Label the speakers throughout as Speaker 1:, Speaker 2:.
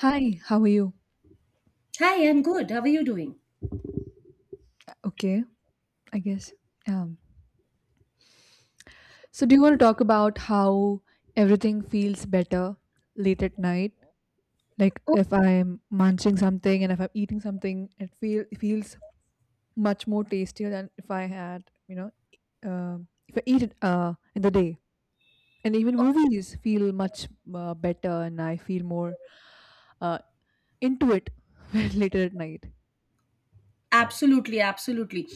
Speaker 1: Hi, how are you?
Speaker 2: Hi, I'm good. How are you doing?
Speaker 1: Okay, I guess. Um, so, do you want to talk about how everything feels better late at night? Like if I'm munching something and if I'm eating something, it feels much more tastier than if I had, if I eat it in the day. And even movies feel much better, and I feel more uh, into it later at night.
Speaker 2: Absolutely, absolutely.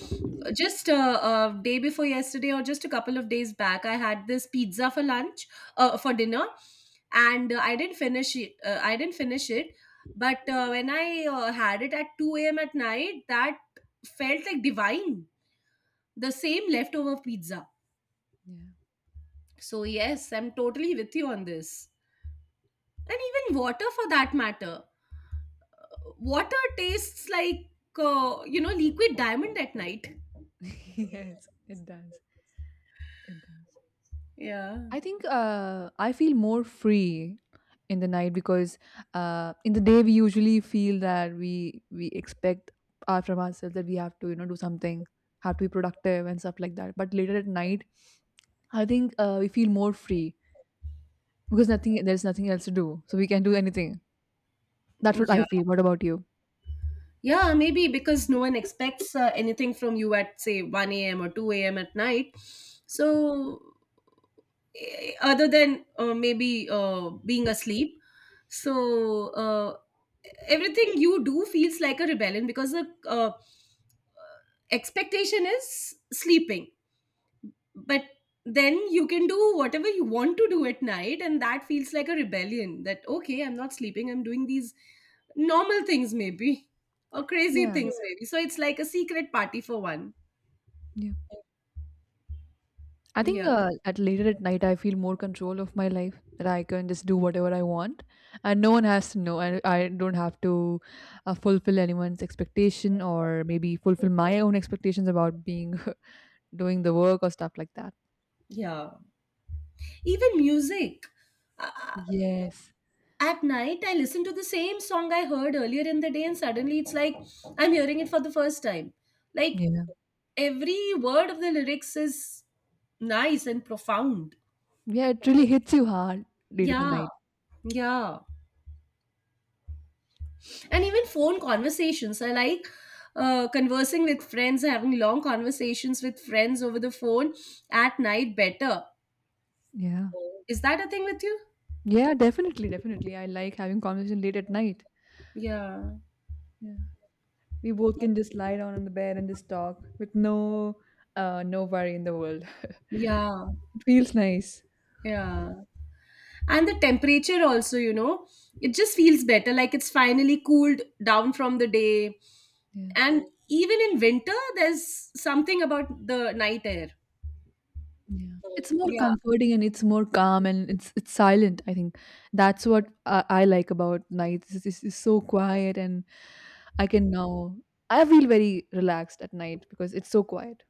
Speaker 2: Just day before yesterday, or just a couple of days back, I had this pizza for lunch, for dinner, and I didn't finish it. I didn't finish it, but when I had it at 2 a.m. at night, that felt like divine. The same leftover pizza.
Speaker 1: Yeah.
Speaker 2: So yes, I'm totally with you on this, and even water for that matter. Water tastes like, liquid diamond at night.
Speaker 1: Yes, it does. It does.
Speaker 2: Yeah.
Speaker 1: I think I feel more free in the night because in the day we usually feel that we expect our, from ourselves that we have to, you know, do something, have to be productive and stuff like that. But later at night, I think we feel more free because nothing there's nothing else to do, so we can do anything. That's what I
Speaker 2: Yeah.
Speaker 1: feel. What about you?
Speaker 2: Yeah, maybe because no one expects anything from you at, say, 1 a.m. or 2 a.m. at night. So, other than maybe being asleep. So, everything you do feels like a rebellion because the expectation is sleeping. But then you can do whatever you want to do at night, and that feels like a rebellion. That, okay, I'm not sleeping, I'm doing these normal things, maybe, or crazy
Speaker 1: Yeah.
Speaker 2: things. Yeah. Maybe, so it's like a secret party for one.
Speaker 1: I
Speaker 2: Yeah.
Speaker 1: think at later at night I feel more control of my life that I can just do whatever I want, and no one has to know, and I don't have to fulfill anyone's expectation or maybe fulfill my own expectations about being doing the work or stuff like that.
Speaker 2: Yeah. Even music, uh, uh,
Speaker 1: Yes.
Speaker 2: at night I listen to the same song I heard earlier in the day, and suddenly it's like I'm hearing it for the first time. Like
Speaker 1: Yeah.
Speaker 2: every word of the lyrics is nice and profound.
Speaker 1: Yeah, it really hits you hard late in the
Speaker 2: Yeah.
Speaker 1: night.
Speaker 2: Yeah. And even phone conversations. I like conversing with friends, having long conversations with friends over the phone at night better.
Speaker 1: Yeah.
Speaker 2: Is that a thing with you?
Speaker 1: Yeah, definitely, definitely. I like having conversation late at night.
Speaker 2: Yeah.
Speaker 1: Yeah. We both can just lie down on the bed and just talk with no no worry in the world.
Speaker 2: Yeah.
Speaker 1: It feels nice.
Speaker 2: Yeah. And the temperature also, it just feels better. Like it's finally cooled down from the day.
Speaker 1: Yeah.
Speaker 2: And even in winter, there's something about the night air.
Speaker 1: Yeah. It's more comforting and it's more calm and it's silent. I think that's what I like about nights. It's so quiet, and I can now I feel very relaxed at night because it's so quiet.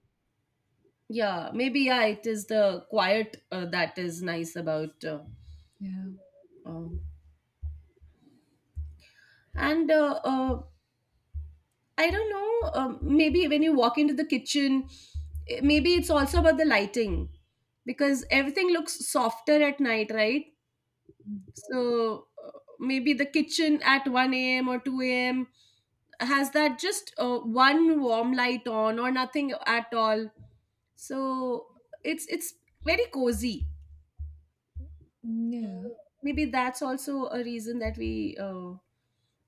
Speaker 2: Yeah, maybe. Yeah, it is the quiet that is nice about.
Speaker 1: Yeah.
Speaker 2: Um, and I don't know, maybe when you walk into the kitchen. Maybe it's also about the lighting, because everything looks softer at night, right? So maybe the kitchen at 1 a.m or 2 a.m has that just one warm light on or nothing at all. So it's very cozy.
Speaker 1: Mm, yeah.
Speaker 2: Maybe that's also a reason that we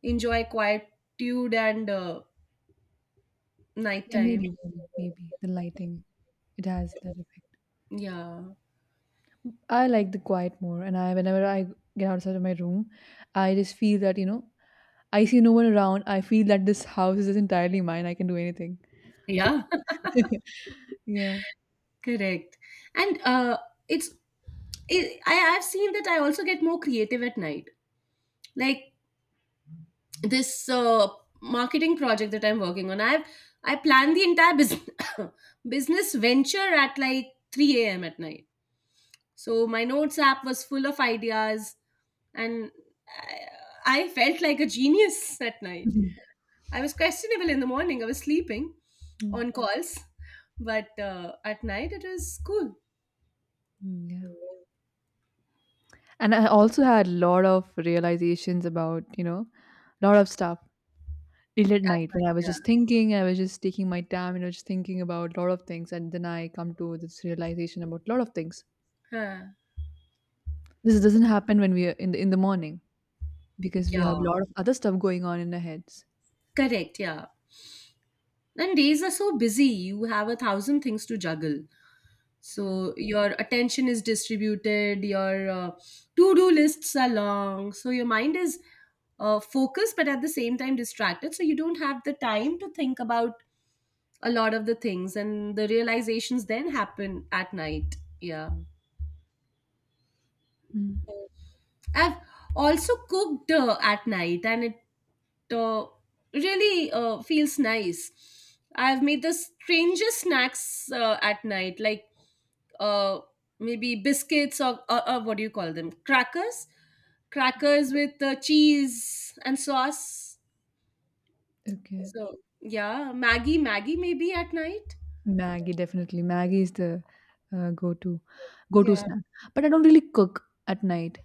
Speaker 2: enjoy quietude and
Speaker 1: Yeah,
Speaker 2: nighttime.
Speaker 1: maybe maybe maybe the lighting, it has that effect.
Speaker 2: Yeah.
Speaker 1: I like the quiet more, and I whenever I get outside of my room, I just feel that, you know, I see no one around. I feel that this house is entirely mine. I can do anything.
Speaker 2: Yeah.
Speaker 1: Yeah.
Speaker 2: Correct. And it's it, I I've seen that I also get more creative at night, like this marketing project that I'm working on. I planned the entire business business venture at like 3 a.m at night, so my notes app was full of ideas, and I felt like a genius at night.
Speaker 1: Mhm.
Speaker 2: I was questionable in the morning. I was sleeping
Speaker 1: Mm,
Speaker 2: on calls, but at night it was cool.
Speaker 1: yeah. And I also had a lot of realizations about, you know, a lot of stuff till at
Speaker 2: At
Speaker 1: night when I was
Speaker 2: night,
Speaker 1: just thinking, I was just taking my time, you know, just thinking about a lot of things. And then I come to this realization about a lot of things.
Speaker 2: yeah. Huh.
Speaker 1: This doesn't happen when we are in the morning because we
Speaker 2: Yeah.
Speaker 1: have a lot of other stuff going on in our heads.
Speaker 2: Correct. Yeah. And days are so busy. You have a thousand things to juggle. So your attention is distributed. Your to-do lists are long. So your mind is focused, but at the same time distracted. So you don't have the time to think about a lot of the things, and the realizations then happen at night. Yeah.
Speaker 1: Mm,
Speaker 2: I've also cooked at night, and it uh, really feels nice. I've made the strangest snacks at night, like uh, maybe biscuits or what do you call them? Crackers with cheese and sauce.
Speaker 1: okay.
Speaker 2: So yeah, Maggie maybe at night.
Speaker 1: Maggie, definitely. Maggie is the go to go to
Speaker 2: Yeah.
Speaker 1: snack. But I don't really cook at night.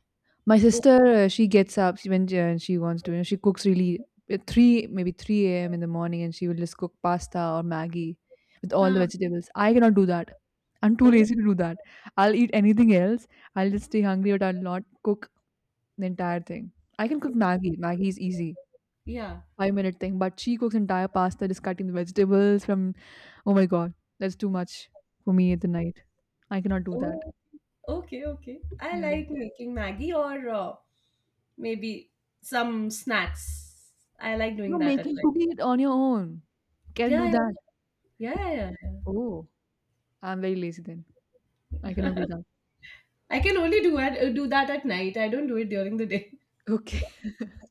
Speaker 1: My
Speaker 2: Oh,
Speaker 1: sister, she gets up she- when she wants to, and she cooks really at 3, maybe 3 a.m. in the morning, and she will just cook pasta or Maggie with all the
Speaker 2: huh.
Speaker 1: vegetables. I cannot do that. I'm too
Speaker 2: Oh,
Speaker 1: lazy to do that. I'll eat anything else. I'll just stay hungry, but I'll not cook the entire thing. I can cook Maggie. Maggie is easy,
Speaker 2: yeah.
Speaker 1: 5 minute thing. But she cooks entire pasta, just cutting the vegetables from. Oh my god, that's too much for me at the night. I cannot do that.
Speaker 2: Oh, okay, okay. I
Speaker 1: Yeah.
Speaker 2: like making Maggie or maybe some snacks. I like
Speaker 1: No,
Speaker 2: doing that at
Speaker 1: making
Speaker 2: night.
Speaker 1: cooking it on your own. Can
Speaker 2: Yeah,
Speaker 1: do that.
Speaker 2: yeah, yeah, yeah.
Speaker 1: Oh. I'm very lazy then. I cannot
Speaker 2: Yeah.
Speaker 1: do that.
Speaker 2: I can only do that at night. I don't do it during the day.
Speaker 1: Okay.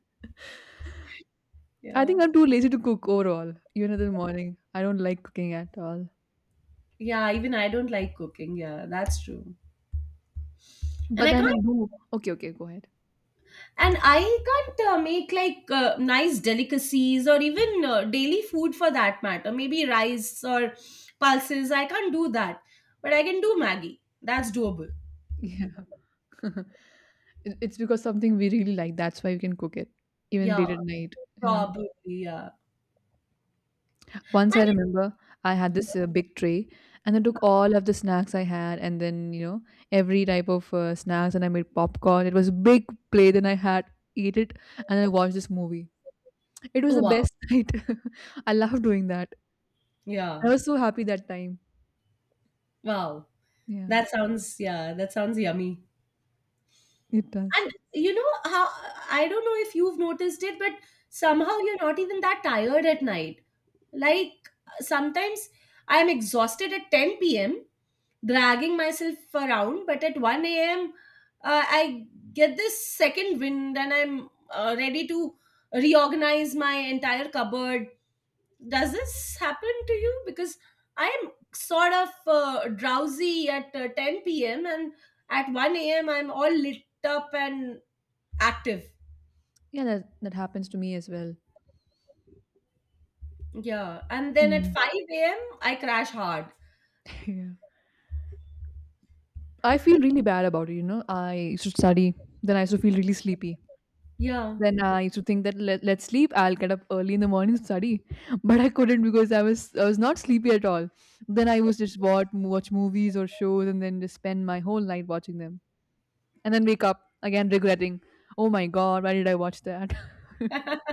Speaker 1: I
Speaker 2: Yeah,
Speaker 1: think I'm too lazy to cook overall, even in the morning. I don't like cooking at all.
Speaker 2: yeah. Even I don't like cooking. Yeah, that's true. And
Speaker 1: But
Speaker 2: I
Speaker 1: then
Speaker 2: can't.
Speaker 1: I do. Okay, okay, go ahead.
Speaker 2: And I can't make like nice delicacies or even daily food for that matter. Maybe rice or pulses. I can't do that. But I can do Maggie. That's doable.
Speaker 1: Yeah. It- it's because something we really like. That's why we can cook it, even
Speaker 2: Yeah,
Speaker 1: late at night. Yeah.
Speaker 2: probably. Yeah.
Speaker 1: Once I
Speaker 2: And,
Speaker 1: remember, I had this big tray, and I took all of the snacks I had, and then, you know, every type of snacks, and I made popcorn. It was a big plate, and I had eat it, and I watched this movie. It was
Speaker 2: oh
Speaker 1: the
Speaker 2: wow.
Speaker 1: best night. I love doing that. I
Speaker 2: Yeah.
Speaker 1: was so happy that time.
Speaker 2: Wow.
Speaker 1: Yeah.
Speaker 2: That sounds, yeah, that sounds yummy.
Speaker 1: It does.
Speaker 2: And you know how, I don't know if you've noticed it, but somehow you're not even that tired at night. Like sometimes I'm exhausted at 10 p.m., dragging myself around, but at 1 a.m., I get this second wind, and I'm ready to reorganize my entire cupboard. Does this happen to you? Because I am sort of drowsy at 10 p.m, and at 1 a.m I'm all lit up and active.
Speaker 1: Yeah, that that happens to me as well.
Speaker 2: Yeah, and then at
Speaker 1: Mm.
Speaker 2: 5 a.m I crash hard.
Speaker 1: Yeah. I feel really bad about it, you know. I used to study, then I used to feel really sleepy.
Speaker 2: Yeah.
Speaker 1: Then I used to think that let's sleep. I'll get up early in the morning to study, but I couldn't because I was not sleepy at all. Then I was just watch movies or shows, and then just spend my whole night watching them, and then wake up again regretting, oh my god, why did I watch that?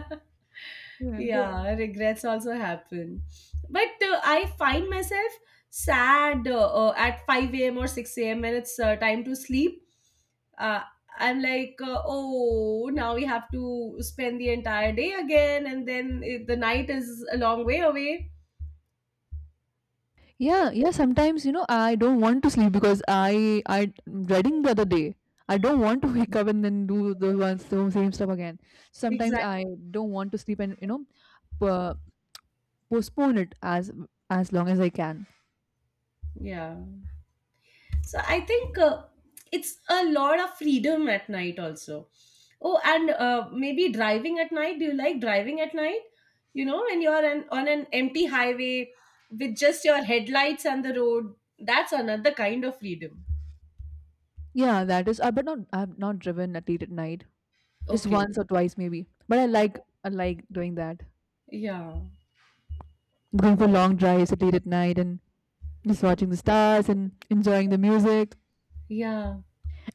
Speaker 1: Yeah.
Speaker 2: Yeah, regrets also happen, but I find myself sad at 5 a.m or 6 a.m when it's time to sleep. uh, I'm like, oh, now we have to spend the entire day again, and then the night is a long way away.
Speaker 1: Yeah, yeah. Sometimes, you know, I don't want to sleep because I reading the other day. I don't want to wake up and then do the same stuff again. Sometimes
Speaker 2: Exactly,
Speaker 1: I don't want to sleep, and you know p- postpone it as long as I can.
Speaker 2: yeah. So I think it's a lot of freedom at night also. Oh, and maybe driving at night. Do you like driving at night? You know, when you're on an empty highway with just your headlights and the road, that's another kind of freedom.
Speaker 1: Yeah, that is. But not I've not driven at late at night. Just
Speaker 2: Okay,
Speaker 1: once or twice maybe. But I like doing that.
Speaker 2: yeah,
Speaker 1: Going for long drives at late at night and just watching the stars and enjoying the music.
Speaker 2: yeah,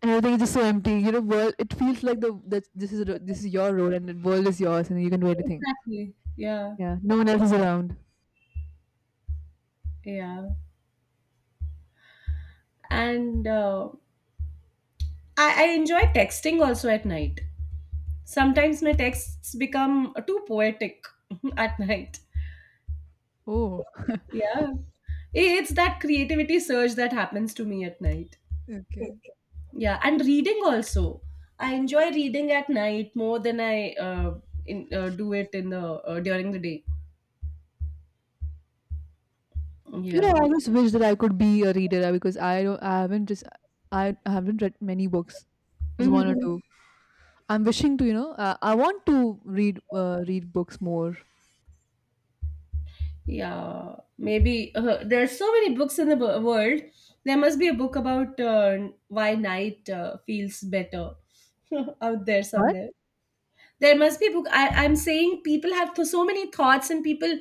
Speaker 1: And everything is just so empty, you know, world it feels like the that this is your road, and the world is yours, and you can do anything.
Speaker 2: exactly, yeah,
Speaker 1: Yeah, no one else is around.
Speaker 2: yeah. And I enjoy texting also at night. Sometimes my texts become too poetic at night.
Speaker 1: Oh,
Speaker 2: Yeah, it's that creativity surge that happens to me at night.
Speaker 1: okay.
Speaker 2: Yeah. And reading also, I enjoy reading at night more than I do it in the during the day.
Speaker 1: You know,
Speaker 2: Yeah.
Speaker 1: I always wish that I could be a reader because I haven't read many books, just one or two. I'm wishing to, you know, I want to read read books more.
Speaker 2: Yeah, maybe there are so many books in the world. There must be a book about why night feels better out there
Speaker 1: What?
Speaker 2: somewhere. There must be a book. I'm saying people have so many thoughts, and people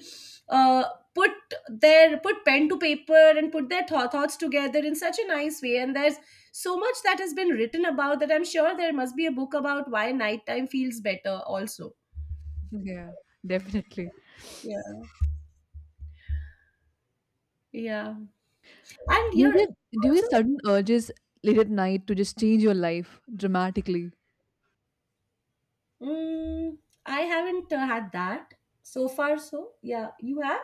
Speaker 2: uh, put put pen to paper and put their thoughts together in such a nice way. And there's so much that has been written about that. I'm sure there must be a book about why nighttime feels better also.
Speaker 1: Yeah, definitely.
Speaker 2: Yeah. Yeah. And
Speaker 1: do you
Speaker 2: you're
Speaker 1: get do you
Speaker 2: also.
Speaker 1: get sudden urges late at night to just change your life dramatically?
Speaker 2: Mm, I haven't had that so far. So yeah, you have.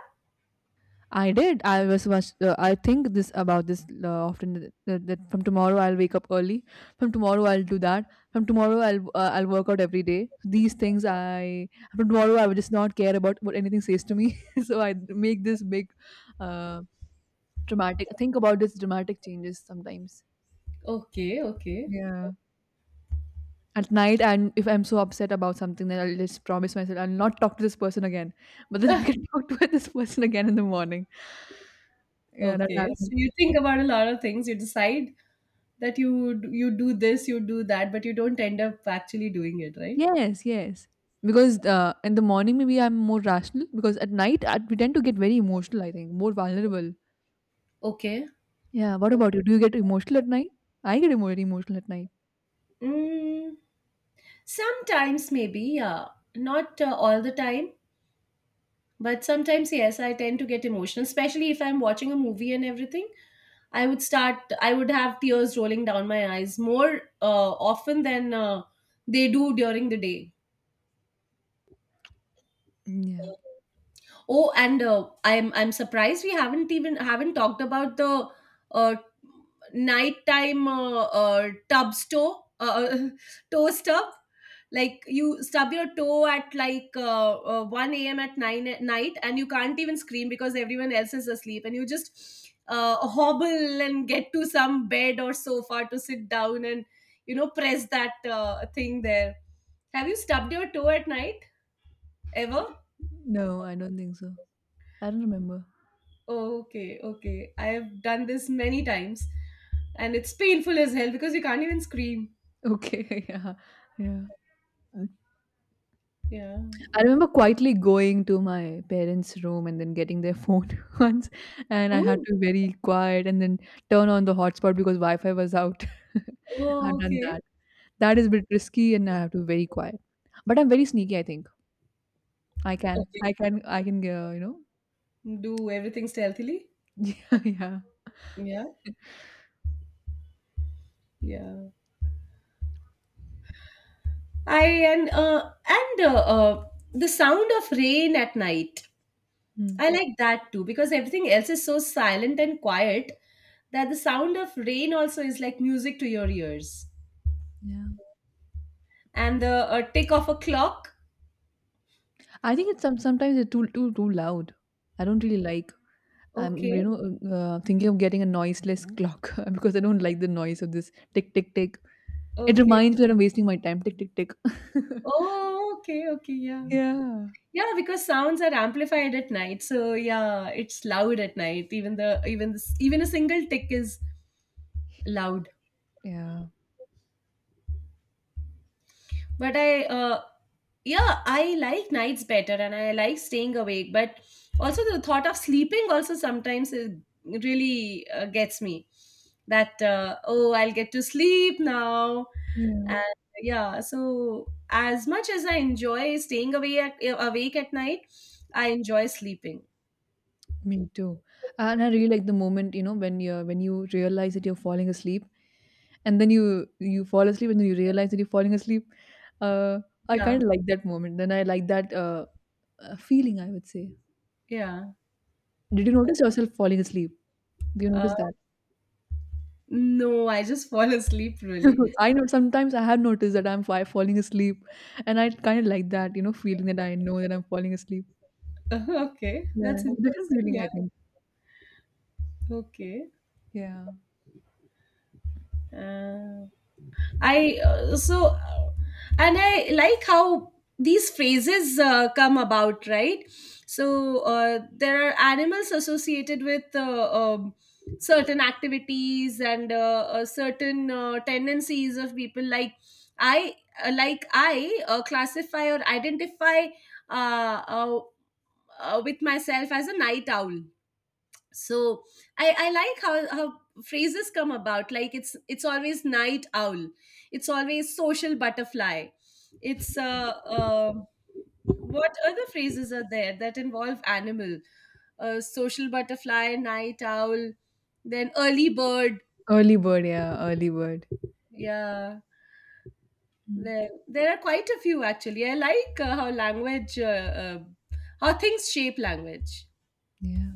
Speaker 1: I did. I was I think this about this often that from tomorrow I'll wake up early. From tomorrow I'll do that. From tomorrow I'll work out every day. These things I from tomorrow I will just not care about what anything says to me. So I make this big uh dramatic think about this dramatic changes sometimes.
Speaker 2: Okay, okay,
Speaker 1: Yeah. At night, and if I'm so upset about something, then I'll just promise myself I'll not talk to this person again. But then I can talk to this person again in the morning. Yeah, that
Speaker 2: okay. So
Speaker 1: happens.
Speaker 2: you think about a lot of things. You decide that you do this, you do that, but you don't end up actually doing it, right?
Speaker 1: Yes, yes. Because in the morning, maybe I'm more rational. Because at night, we tend to get very emotional, I think, more vulnerable.
Speaker 2: Okay.
Speaker 1: Yeah. What about you? Do you get emotional at night? I get more emotional at night.
Speaker 2: Mm, Sometimes maybe, yeah, not all the time, but sometimes yes. I tend to get emotional, especially if I'm watching a movie and everything. I would have tears rolling down my eyes more often than they do during the day.
Speaker 1: Mm, yeah.
Speaker 2: Oh, and I'm surprised we haven't talked about the uh, nighttime tub store toe stub. Like you stub your toe at like 1 a.m. at nine at night, and you can't even scream because everyone else is asleep, and you just hobble and get to some bed or sofa to sit down and press that thing there. Have you stubbed your toe at night ever?
Speaker 1: No, I don't think so. I don't remember.
Speaker 2: Okay, okay. I have done this many times, and it's painful as hell because you can't even scream.
Speaker 1: Okay. Yeah. Yeah. Mm.
Speaker 2: Yeah.
Speaker 1: I remember quietly going to my parents' room and then getting their phone once, and I had
Speaker 2: Oh,
Speaker 1: to be very quiet, and then turn on the hotspot because Wi-Fi was out.
Speaker 2: oh,
Speaker 1: I've done
Speaker 2: okay.
Speaker 1: that. That is a bit risky, and I have to be very quiet. But I'm very sneaky. I think
Speaker 2: Okay.
Speaker 1: I can. You know.
Speaker 2: Do everything stealthily.
Speaker 1: Yeah. Yeah.
Speaker 2: Yeah. Yeah. I and the sound of rain at night.
Speaker 1: Hmm.
Speaker 2: I like that too because everything else is so silent and quiet that the sound of rain also is like music to your ears.
Speaker 1: Yeah.
Speaker 2: And the tick of a clock.
Speaker 1: I think it's sometimes it's too too loud. I don't really like. I'm, you
Speaker 2: Okay.
Speaker 1: know, thinking of getting a noiseless clock because I don't like the noise of this tick tick tick. It
Speaker 2: Okay.
Speaker 1: reminds me that I'm wasting my time. Tick tick tick.
Speaker 2: Oh, okay, okay, yeah.
Speaker 1: Yeah.
Speaker 2: Yeah, because sounds are amplified at night. So yeah, it's loud at night. Even a single tick is loud.
Speaker 1: Yeah.
Speaker 2: But I yeah, I like nights better, and I like staying awake, but also the thought of sleeping also sometimes is, really gets me. That oh, I'll get to sleep now. And
Speaker 1: Yeah.
Speaker 2: yeah, so as much as I enjoy staying awake at night, I enjoy sleeping.
Speaker 1: Me too. And I really like the moment, you know, when you are when you realize that you're falling asleep, and then you fall asleep, and then you realize that you're falling asleep. Uh, I
Speaker 2: Yeah,
Speaker 1: kind of like that moment. Then I like that feeling, I would say.
Speaker 2: yeah.
Speaker 1: Did you notice yourself falling asleep? Do you
Speaker 2: Uh,
Speaker 1: notice that?
Speaker 2: No, I just fall asleep really.
Speaker 1: I know sometimes I have noticed that I'm falling asleep, and I kind of like that, you know, feeling that I know that I'm falling asleep.
Speaker 2: Okay,
Speaker 1: Yeah,
Speaker 2: that's interesting.
Speaker 1: different feeling,
Speaker 2: Yeah.
Speaker 1: I think.
Speaker 2: Okay.
Speaker 1: Yeah,
Speaker 2: Uh, I so and I like how these phrases come about, right? So there are animals associated with certain activities and certain tendencies of people. I like I classify or identify uh, uh, with myself as a night owl. So I like how phrases come about. Like it's always night owl, it's always social butterfly, it's what other phrases are there that involve animal? Social butterfly, night owl, then early bird.
Speaker 1: early bird. Yeah, early bird.
Speaker 2: Yeah, there
Speaker 1: Mm,
Speaker 2: there are quite a few actually. I like how language how things shape language.
Speaker 1: yeah,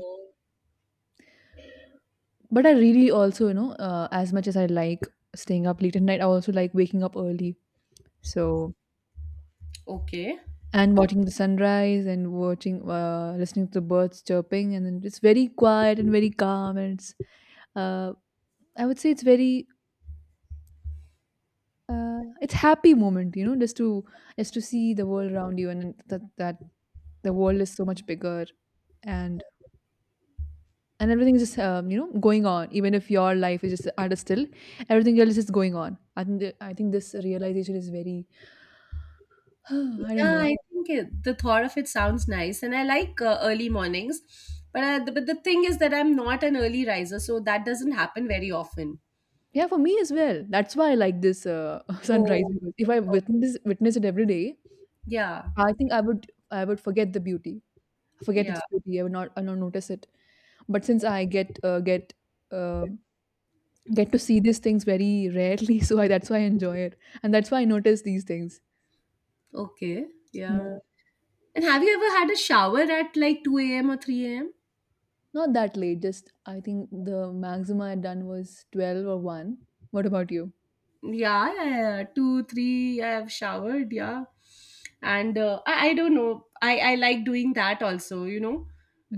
Speaker 1: but I really also, you know, as much as I like staying up late at night, I also like waking up early. So
Speaker 2: Okay.
Speaker 1: and watching the sunrise and watching listening to the birds chirping, and then it's very quiet and very calm, and it's uh, I would say it's very it's happy moment, you know, just to see the world around you, and that the world is so much bigger, and and everything is just you know, going on, even if your life is just at a still, everything else is going on. I think I think this realization is very I don't
Speaker 2: Yeah,
Speaker 1: know.
Speaker 2: I think the thought of it sounds nice, and I like early mornings. But the thing is that I'm not an early riser, so that doesn't happen very often.
Speaker 1: Yeah, for me as well. That's why I like this sunrise.
Speaker 2: Oh,
Speaker 1: Because if I
Speaker 2: oh,
Speaker 1: witness witness it every day,
Speaker 2: yeah,
Speaker 1: I think I would forget the beauty, forget
Speaker 2: yeah,
Speaker 1: its beauty. I would not notice it. But since I uh, get to see these things very rarely, that's why I enjoy it, and that's why I notice these things.
Speaker 2: okay, yeah.
Speaker 1: Yeah.
Speaker 2: And have you ever had a shower at like 2 a.m. or 3 a.m.?
Speaker 1: Not that late. Just I think the maximum I had done was 12 or 1. What about you?
Speaker 2: Yeah, yeah, yeah, yeah. Two, three. I have showered, yeah, and I don't know. I like doing that also. You know,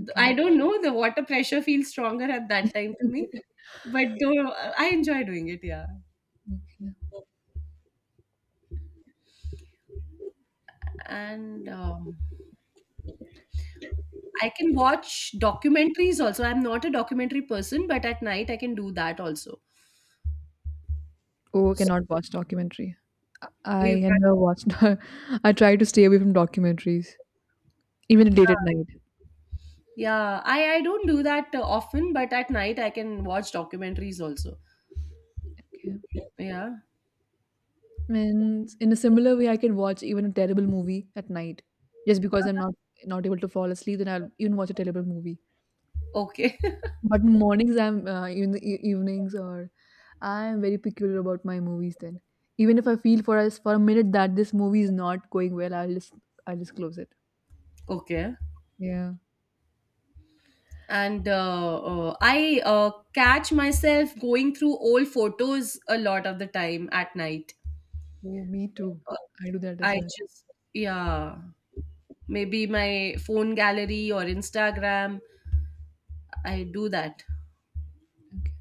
Speaker 2: Th- I don't know. The water pressure feels stronger at that time to me, but do I enjoy doing it. Yeah,
Speaker 1: Okay.
Speaker 2: and I can watch documentaries also. I'm not a documentary person, but at night I can do that also.
Speaker 1: Oh,
Speaker 2: So
Speaker 1: cannot watch documentary. I I
Speaker 2: you
Speaker 1: had
Speaker 2: can,
Speaker 1: never watched. I try to stay away from documentaries, even late at
Speaker 2: uh,
Speaker 1: night.
Speaker 2: yeah. I don't do that often, but at night I can watch documentaries also.
Speaker 1: Okay.
Speaker 2: Yeah.
Speaker 1: And in a similar way, I can watch even a terrible movie at night, just because I'm
Speaker 2: Uh-huh.
Speaker 1: not able to fall asleep. Then I'll even watch a terrible movie.
Speaker 2: Okay.
Speaker 1: But in mornings, I'm in the evenings, or I'm very peculiar about my movies. Then, even if I feel for us for a minute that this movie is not going well, I'll just close it.
Speaker 2: Okay.
Speaker 1: Yeah.
Speaker 2: And I catch myself going through old photos a lot of the time at night.
Speaker 1: Oh, me too.
Speaker 2: Uh,
Speaker 1: I do that as
Speaker 2: I
Speaker 1: well.
Speaker 2: just, yeah, maybe my phone gallery or Instagram. I do that.
Speaker 1: Okay.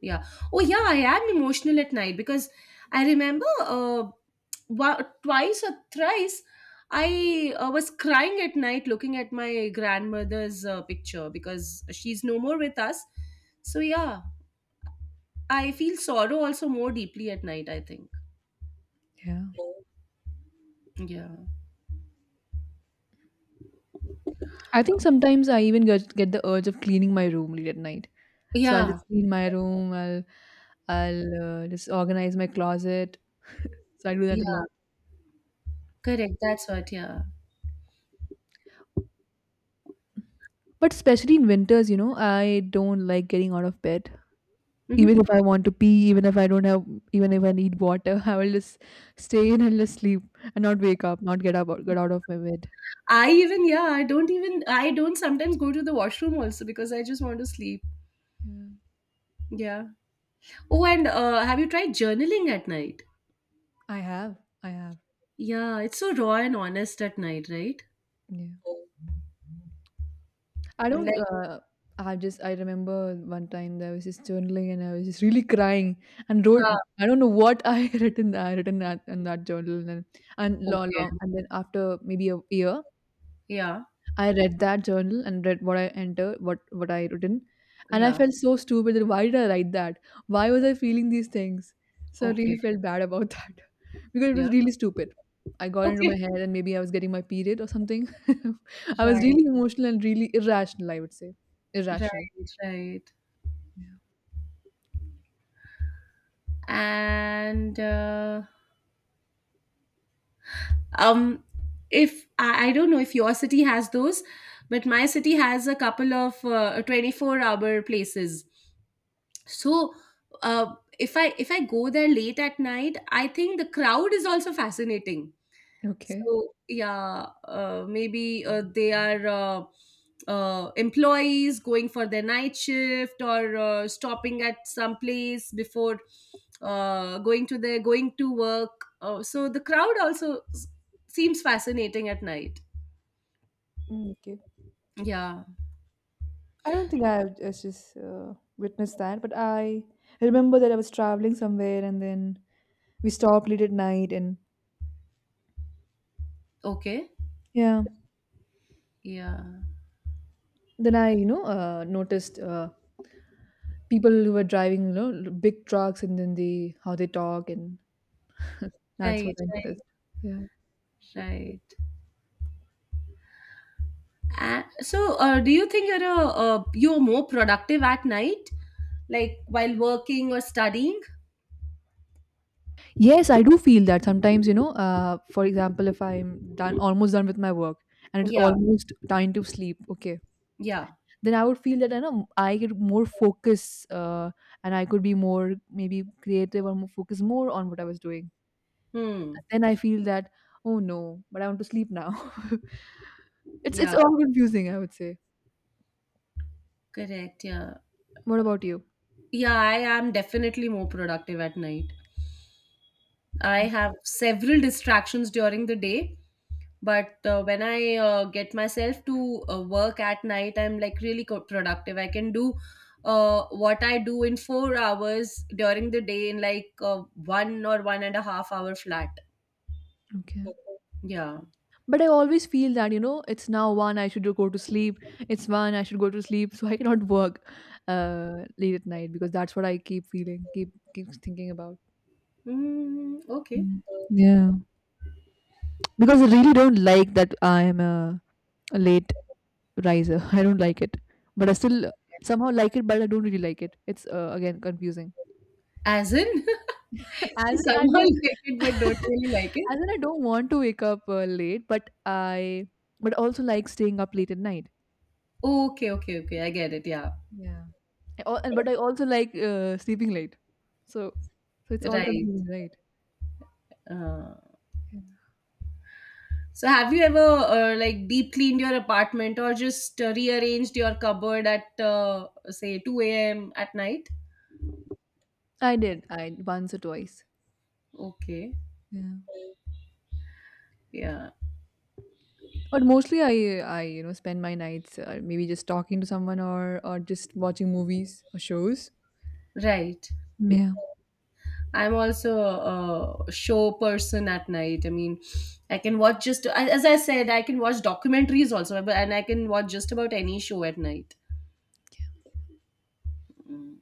Speaker 2: Yeah. Oh, yeah, I am emotional at night because I remember twice or thrice I was crying at night looking at my grandmother's picture because she's no more with us. So, yeah, I feel sorrow also more deeply at night, I think.
Speaker 1: Yeah.
Speaker 2: Yeah.
Speaker 1: I think sometimes I even get the urge of cleaning my room late at night. So I'll just
Speaker 2: Yeah.
Speaker 1: clean my room. I'll just organize my closet. So I do that a
Speaker 2: Yeah.
Speaker 1: lot.
Speaker 2: Correct. That's what. Yeah.
Speaker 1: But especially in winters, I don't like getting out of bed. Even
Speaker 2: Hmm.
Speaker 1: if I want to pee, even if I don't have, even if I need water, I will just stay in and just sleep and not wake up, not get up, or get out of my bed.
Speaker 2: I even, yeah, I don't even, I don't sometimes go to the washroom also because I just want to sleep.
Speaker 1: Yeah,
Speaker 2: Yeah. Oh, and have you tried journaling at night?
Speaker 1: I have, I have.
Speaker 2: Yeah. It's so raw and honest at night, right?
Speaker 1: Yeah. I
Speaker 2: I'm
Speaker 1: don't.
Speaker 2: like,
Speaker 1: I just I remember one time that I was just journaling and I was just really crying and wrote.
Speaker 2: uh,
Speaker 1: I don't know what I had written. I had written that in that journal and long,
Speaker 2: okay.
Speaker 1: long and then after maybe a year,
Speaker 2: Yeah.
Speaker 1: I read that journal and read what I entered, what I written, and I
Speaker 2: Yeah.
Speaker 1: felt so stupid why did I write that? Why was I feeling these things? So I really
Speaker 2: Okay.
Speaker 1: felt bad about that because it
Speaker 2: Yeah.
Speaker 1: was really stupid. I got into
Speaker 2: Okay.
Speaker 1: my head and maybe I was getting my period or something. I was
Speaker 2: Right.
Speaker 1: really emotional and really irrational. I would say
Speaker 2: Right.
Speaker 1: irrational.
Speaker 2: Right. And, um if I, I don't know if your city has those, but my city has a couple of 24-hour places, so if I go there late at night, I think the crowd is also fascinating.
Speaker 1: Okay.
Speaker 2: So yeah, maybe they are employees going for their night shift or stopping at some place before going to their going to work. So the crowd also seems fascinating at night.
Speaker 1: Mm, okay.
Speaker 2: Yeah.
Speaker 1: I don't think I have just witnessed that, but I remember that I was traveling somewhere and then we stopped late at night and
Speaker 2: Okay.
Speaker 1: yeah,
Speaker 2: Yeah.
Speaker 1: then I noticed people who were driving, big trucks and then they how they talk, and that's what
Speaker 2: Right.
Speaker 1: I
Speaker 2: Right.
Speaker 1: noticed. Yeah.
Speaker 2: Right. And so, do you think you're you're more productive at night, like while working or studying?
Speaker 1: Yes, I do feel that sometimes, for example, if I'm done almost done with my work and it's
Speaker 2: Yeah.
Speaker 1: almost time to sleep, okay,
Speaker 2: Yeah.
Speaker 1: then I would feel that I know I get more focus, and I could be more maybe creative or more focus more on what I was doing.
Speaker 2: Hmm.
Speaker 1: Then I feel that oh no, but I want to sleep now. It's
Speaker 2: Yeah.
Speaker 1: all confusing, I would say.
Speaker 2: Correct, yeah.
Speaker 1: What about you?
Speaker 2: Yeah, I am definitely more productive at night. I have several distractions during the day, but when I get myself to work at night, I'm like really productive. I can do what I do in 4 hours during the day in like one or one and a half hour flat.
Speaker 1: Okay.
Speaker 2: Yeah.
Speaker 1: But I always feel that it's now 1, I should go to sleep. It's 1, I should go to sleep. So I cannot work late at night because that's what I keep feeling, keep thinking about.
Speaker 2: Mm, okay.
Speaker 1: Mm. Yeah. Because I really don't like that I am a late riser. I don't like it. But I still somehow like it, but I don't really like it. It's again confusing.
Speaker 2: As in, you
Speaker 1: As in, I
Speaker 2: somehow
Speaker 1: don't.
Speaker 2: like it but don't really like it.
Speaker 1: As in, I don't want to wake up late, but I. But also like staying up late at night.
Speaker 2: Okay, okay, okay. I get it. Yeah.
Speaker 1: Yeah. I al- and But I also like sleeping late, so so it's all
Speaker 2: Right.
Speaker 1: confusing, right?
Speaker 2: Uh,
Speaker 1: Yeah.
Speaker 2: so, have you ever like deep cleaned your apartment or just rearranged your cupboard at say 2 a.m. at night?
Speaker 1: I did, I once or twice.
Speaker 2: Okay,
Speaker 1: Yeah,
Speaker 2: yeah,
Speaker 1: but mostly I spend my nights maybe just talking to someone or just watching movies or shows.
Speaker 2: right.
Speaker 1: Yeah,
Speaker 2: I'm also a show person at night. I mean, I can watch, just as I said, I can watch documentaries also, but- and I can watch just about any show at night. Mm.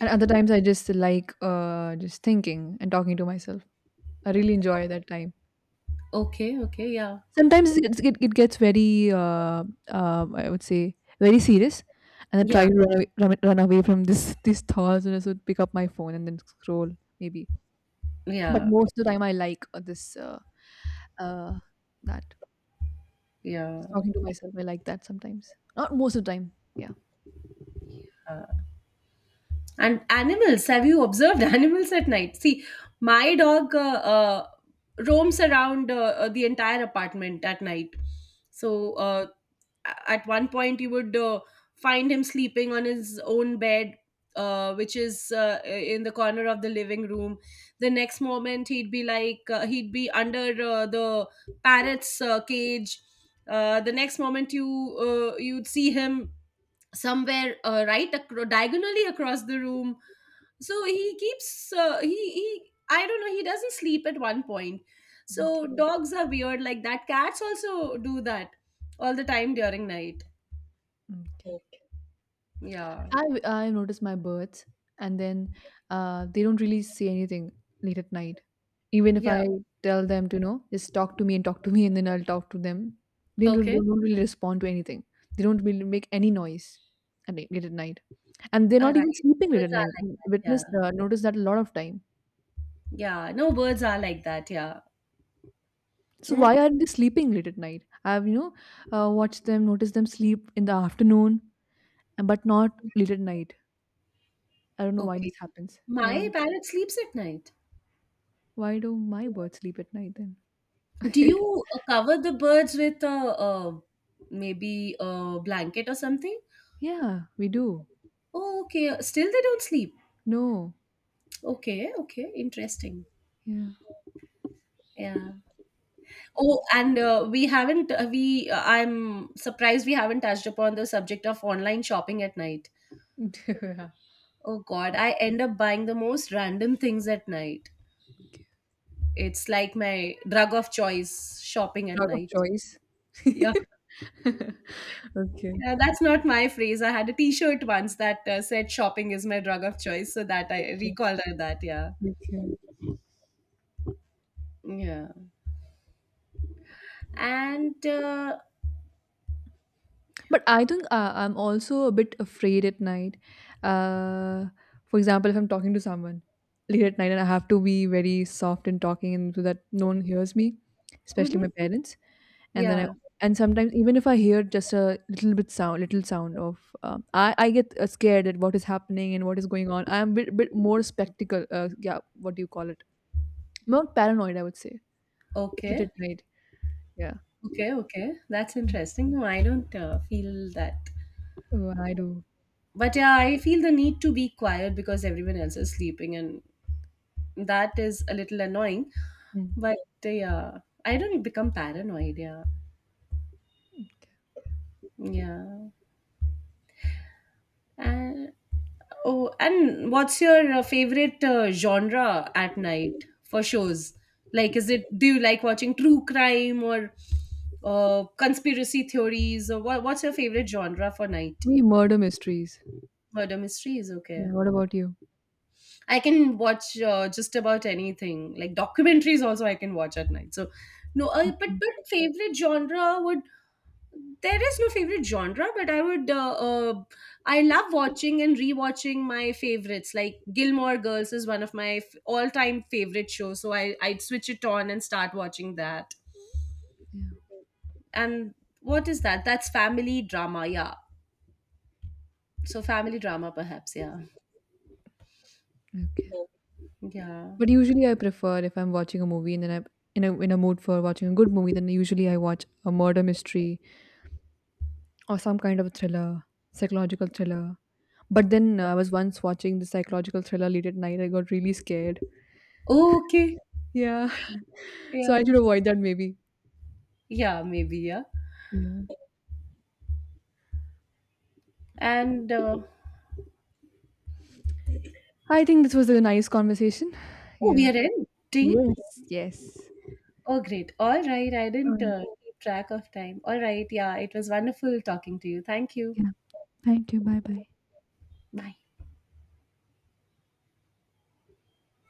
Speaker 1: and other times I just like just thinking and talking to myself. I really enjoy that time.
Speaker 2: Okay, okay, yeah,
Speaker 1: Sometimes it gets very I would say very serious, and I
Speaker 2: yeah,
Speaker 1: try to run away from this these thoughts, and I would pick up my phone and then scroll maybe. But
Speaker 2: yeah,
Speaker 1: most of the time, I like this uh, that
Speaker 2: yeah.
Speaker 1: just talking to myself. I like that sometimes. Not most of the time. Yeah.
Speaker 2: And animals, have you observed animals at night? See, my dog roams around the entire apartment at night. So at one point, you would find him sleeping on his own bed, which is in the corner of the living room. The next moment, he'd be like, he'd be under the parrot's cage. The next moment, you you'd see him somewhere diagonally across the room. So he keeps he I don't know, he doesn't sleep at one point.
Speaker 1: Okay.
Speaker 2: So dogs are weird like that, cats also do that all the time during night.
Speaker 1: Okay.
Speaker 2: Yeah.
Speaker 1: I notice my birds, and then they don't really say anything late at night. Even if
Speaker 2: Yeah.
Speaker 1: I tell them to, just talk to me and talk to me, and then I'll talk to them. They don't really,
Speaker 2: Okay.
Speaker 1: don't really respond to anything. They don't really make any noise late at night, and they're
Speaker 2: All
Speaker 1: not even
Speaker 2: right,
Speaker 1: sleeping late at
Speaker 2: birds are
Speaker 1: night.
Speaker 2: like
Speaker 1: I
Speaker 2: that, yeah.
Speaker 1: Noticed that a lot of time.
Speaker 2: Yeah, no, birds are like that, yeah.
Speaker 1: So
Speaker 2: Mm,
Speaker 1: why aren't they sleeping late at night? I've watched them, noticed them sleep in the afternoon, but not late at night. I don't know why this
Speaker 2: okay.
Speaker 1: happens. Yeah,
Speaker 2: My parrot sleeps at night.
Speaker 1: why do my birds sleep at night then?
Speaker 2: Do you cover the birds with a, maybe a blanket or something?
Speaker 1: Yeah, we do.
Speaker 2: Oh okay, still they don't sleep.
Speaker 1: No.
Speaker 2: Okay, okay, interesting.
Speaker 1: Yeah.
Speaker 2: Yeah. Oh, and we haven't, we, I'm surprised we haven't touched upon the subject of online shopping at night. Oh God, I end up buying the most random things at night.
Speaker 1: Yeah.
Speaker 2: It's like my drug of choice, shopping at
Speaker 1: Drug of
Speaker 2: night.
Speaker 1: choice.
Speaker 2: Yeah,
Speaker 1: Okay.
Speaker 2: yeah, that's not my phrase. I had a T-shirt once that said "shopping is my drug of choice," so that I recalled that. Yeah,
Speaker 1: Okay.
Speaker 2: yeah, and
Speaker 1: But I think I'm also a bit afraid at night. Uh, for example, if I'm talking to someone late at night and I have to be very soft in talking and so that no one hears me, especially
Speaker 2: mhm,
Speaker 1: my parents. and then I
Speaker 2: yeah,
Speaker 1: and sometimes even if I hear just a little bit sound, little sound of, I get scared at what is happening and what is going on. I'm bit more spectacle. Yeah, what do you call it? More paranoid, I would say. Late
Speaker 2: okay.
Speaker 1: at night. Yeah,
Speaker 2: Okay, okay. That's interesting. No, I don't feel that.
Speaker 1: oh, I do.
Speaker 2: But yeah, I feel the need to be quiet because everyone else is sleeping, and that is a little annoying.
Speaker 1: Mm.
Speaker 2: But yeah, I don't become paranoid. Yeah, yeah. And oh, and what's your favorite genre at night for shows? Like, is it, do you like watching true crime or conspiracy theories, or what, what's your favorite genre for night?
Speaker 1: Me murder mysteries.
Speaker 2: Murder mysteries, okay.
Speaker 1: Yeah. What about you?
Speaker 2: I can watch just about anything, like documentaries. Also, I can watch at night. So, no,
Speaker 1: Mm,
Speaker 2: but favorite genre would, there is no favorite genre, but I would I love watching and rewatching my favorites. Like Gilmore Girls is one of my all time favorite shows, so I I'd switch it on and start watching that.
Speaker 1: yeah.
Speaker 2: And what is that? That's family drama, yeah. So family drama, perhaps, yeah,
Speaker 1: Okay.
Speaker 2: yeah.
Speaker 1: But usually I prefer if I'm watching a movie and then I'm in a mood for watching a good movie, then usually I watch a murder mystery or some kind of a thriller, psychological thriller. But then I was once watching the psychological thriller late at night. I got really scared.
Speaker 2: Okay,
Speaker 1: Yeah. So I
Speaker 2: yeah,
Speaker 1: should avoid that maybe.
Speaker 2: yeah, maybe, yeah.
Speaker 1: Yeah.
Speaker 2: And
Speaker 1: I think this was a nice conversation.
Speaker 2: oh, we
Speaker 1: Yeah.
Speaker 2: are ending?
Speaker 1: Yes. Yes.
Speaker 2: Oh, great. All right. I didn't
Speaker 1: Uh,
Speaker 2: keep track of time. All right. Yeah, it was wonderful talking to you. Thank you.
Speaker 1: yeah. Thank you. Bye bye.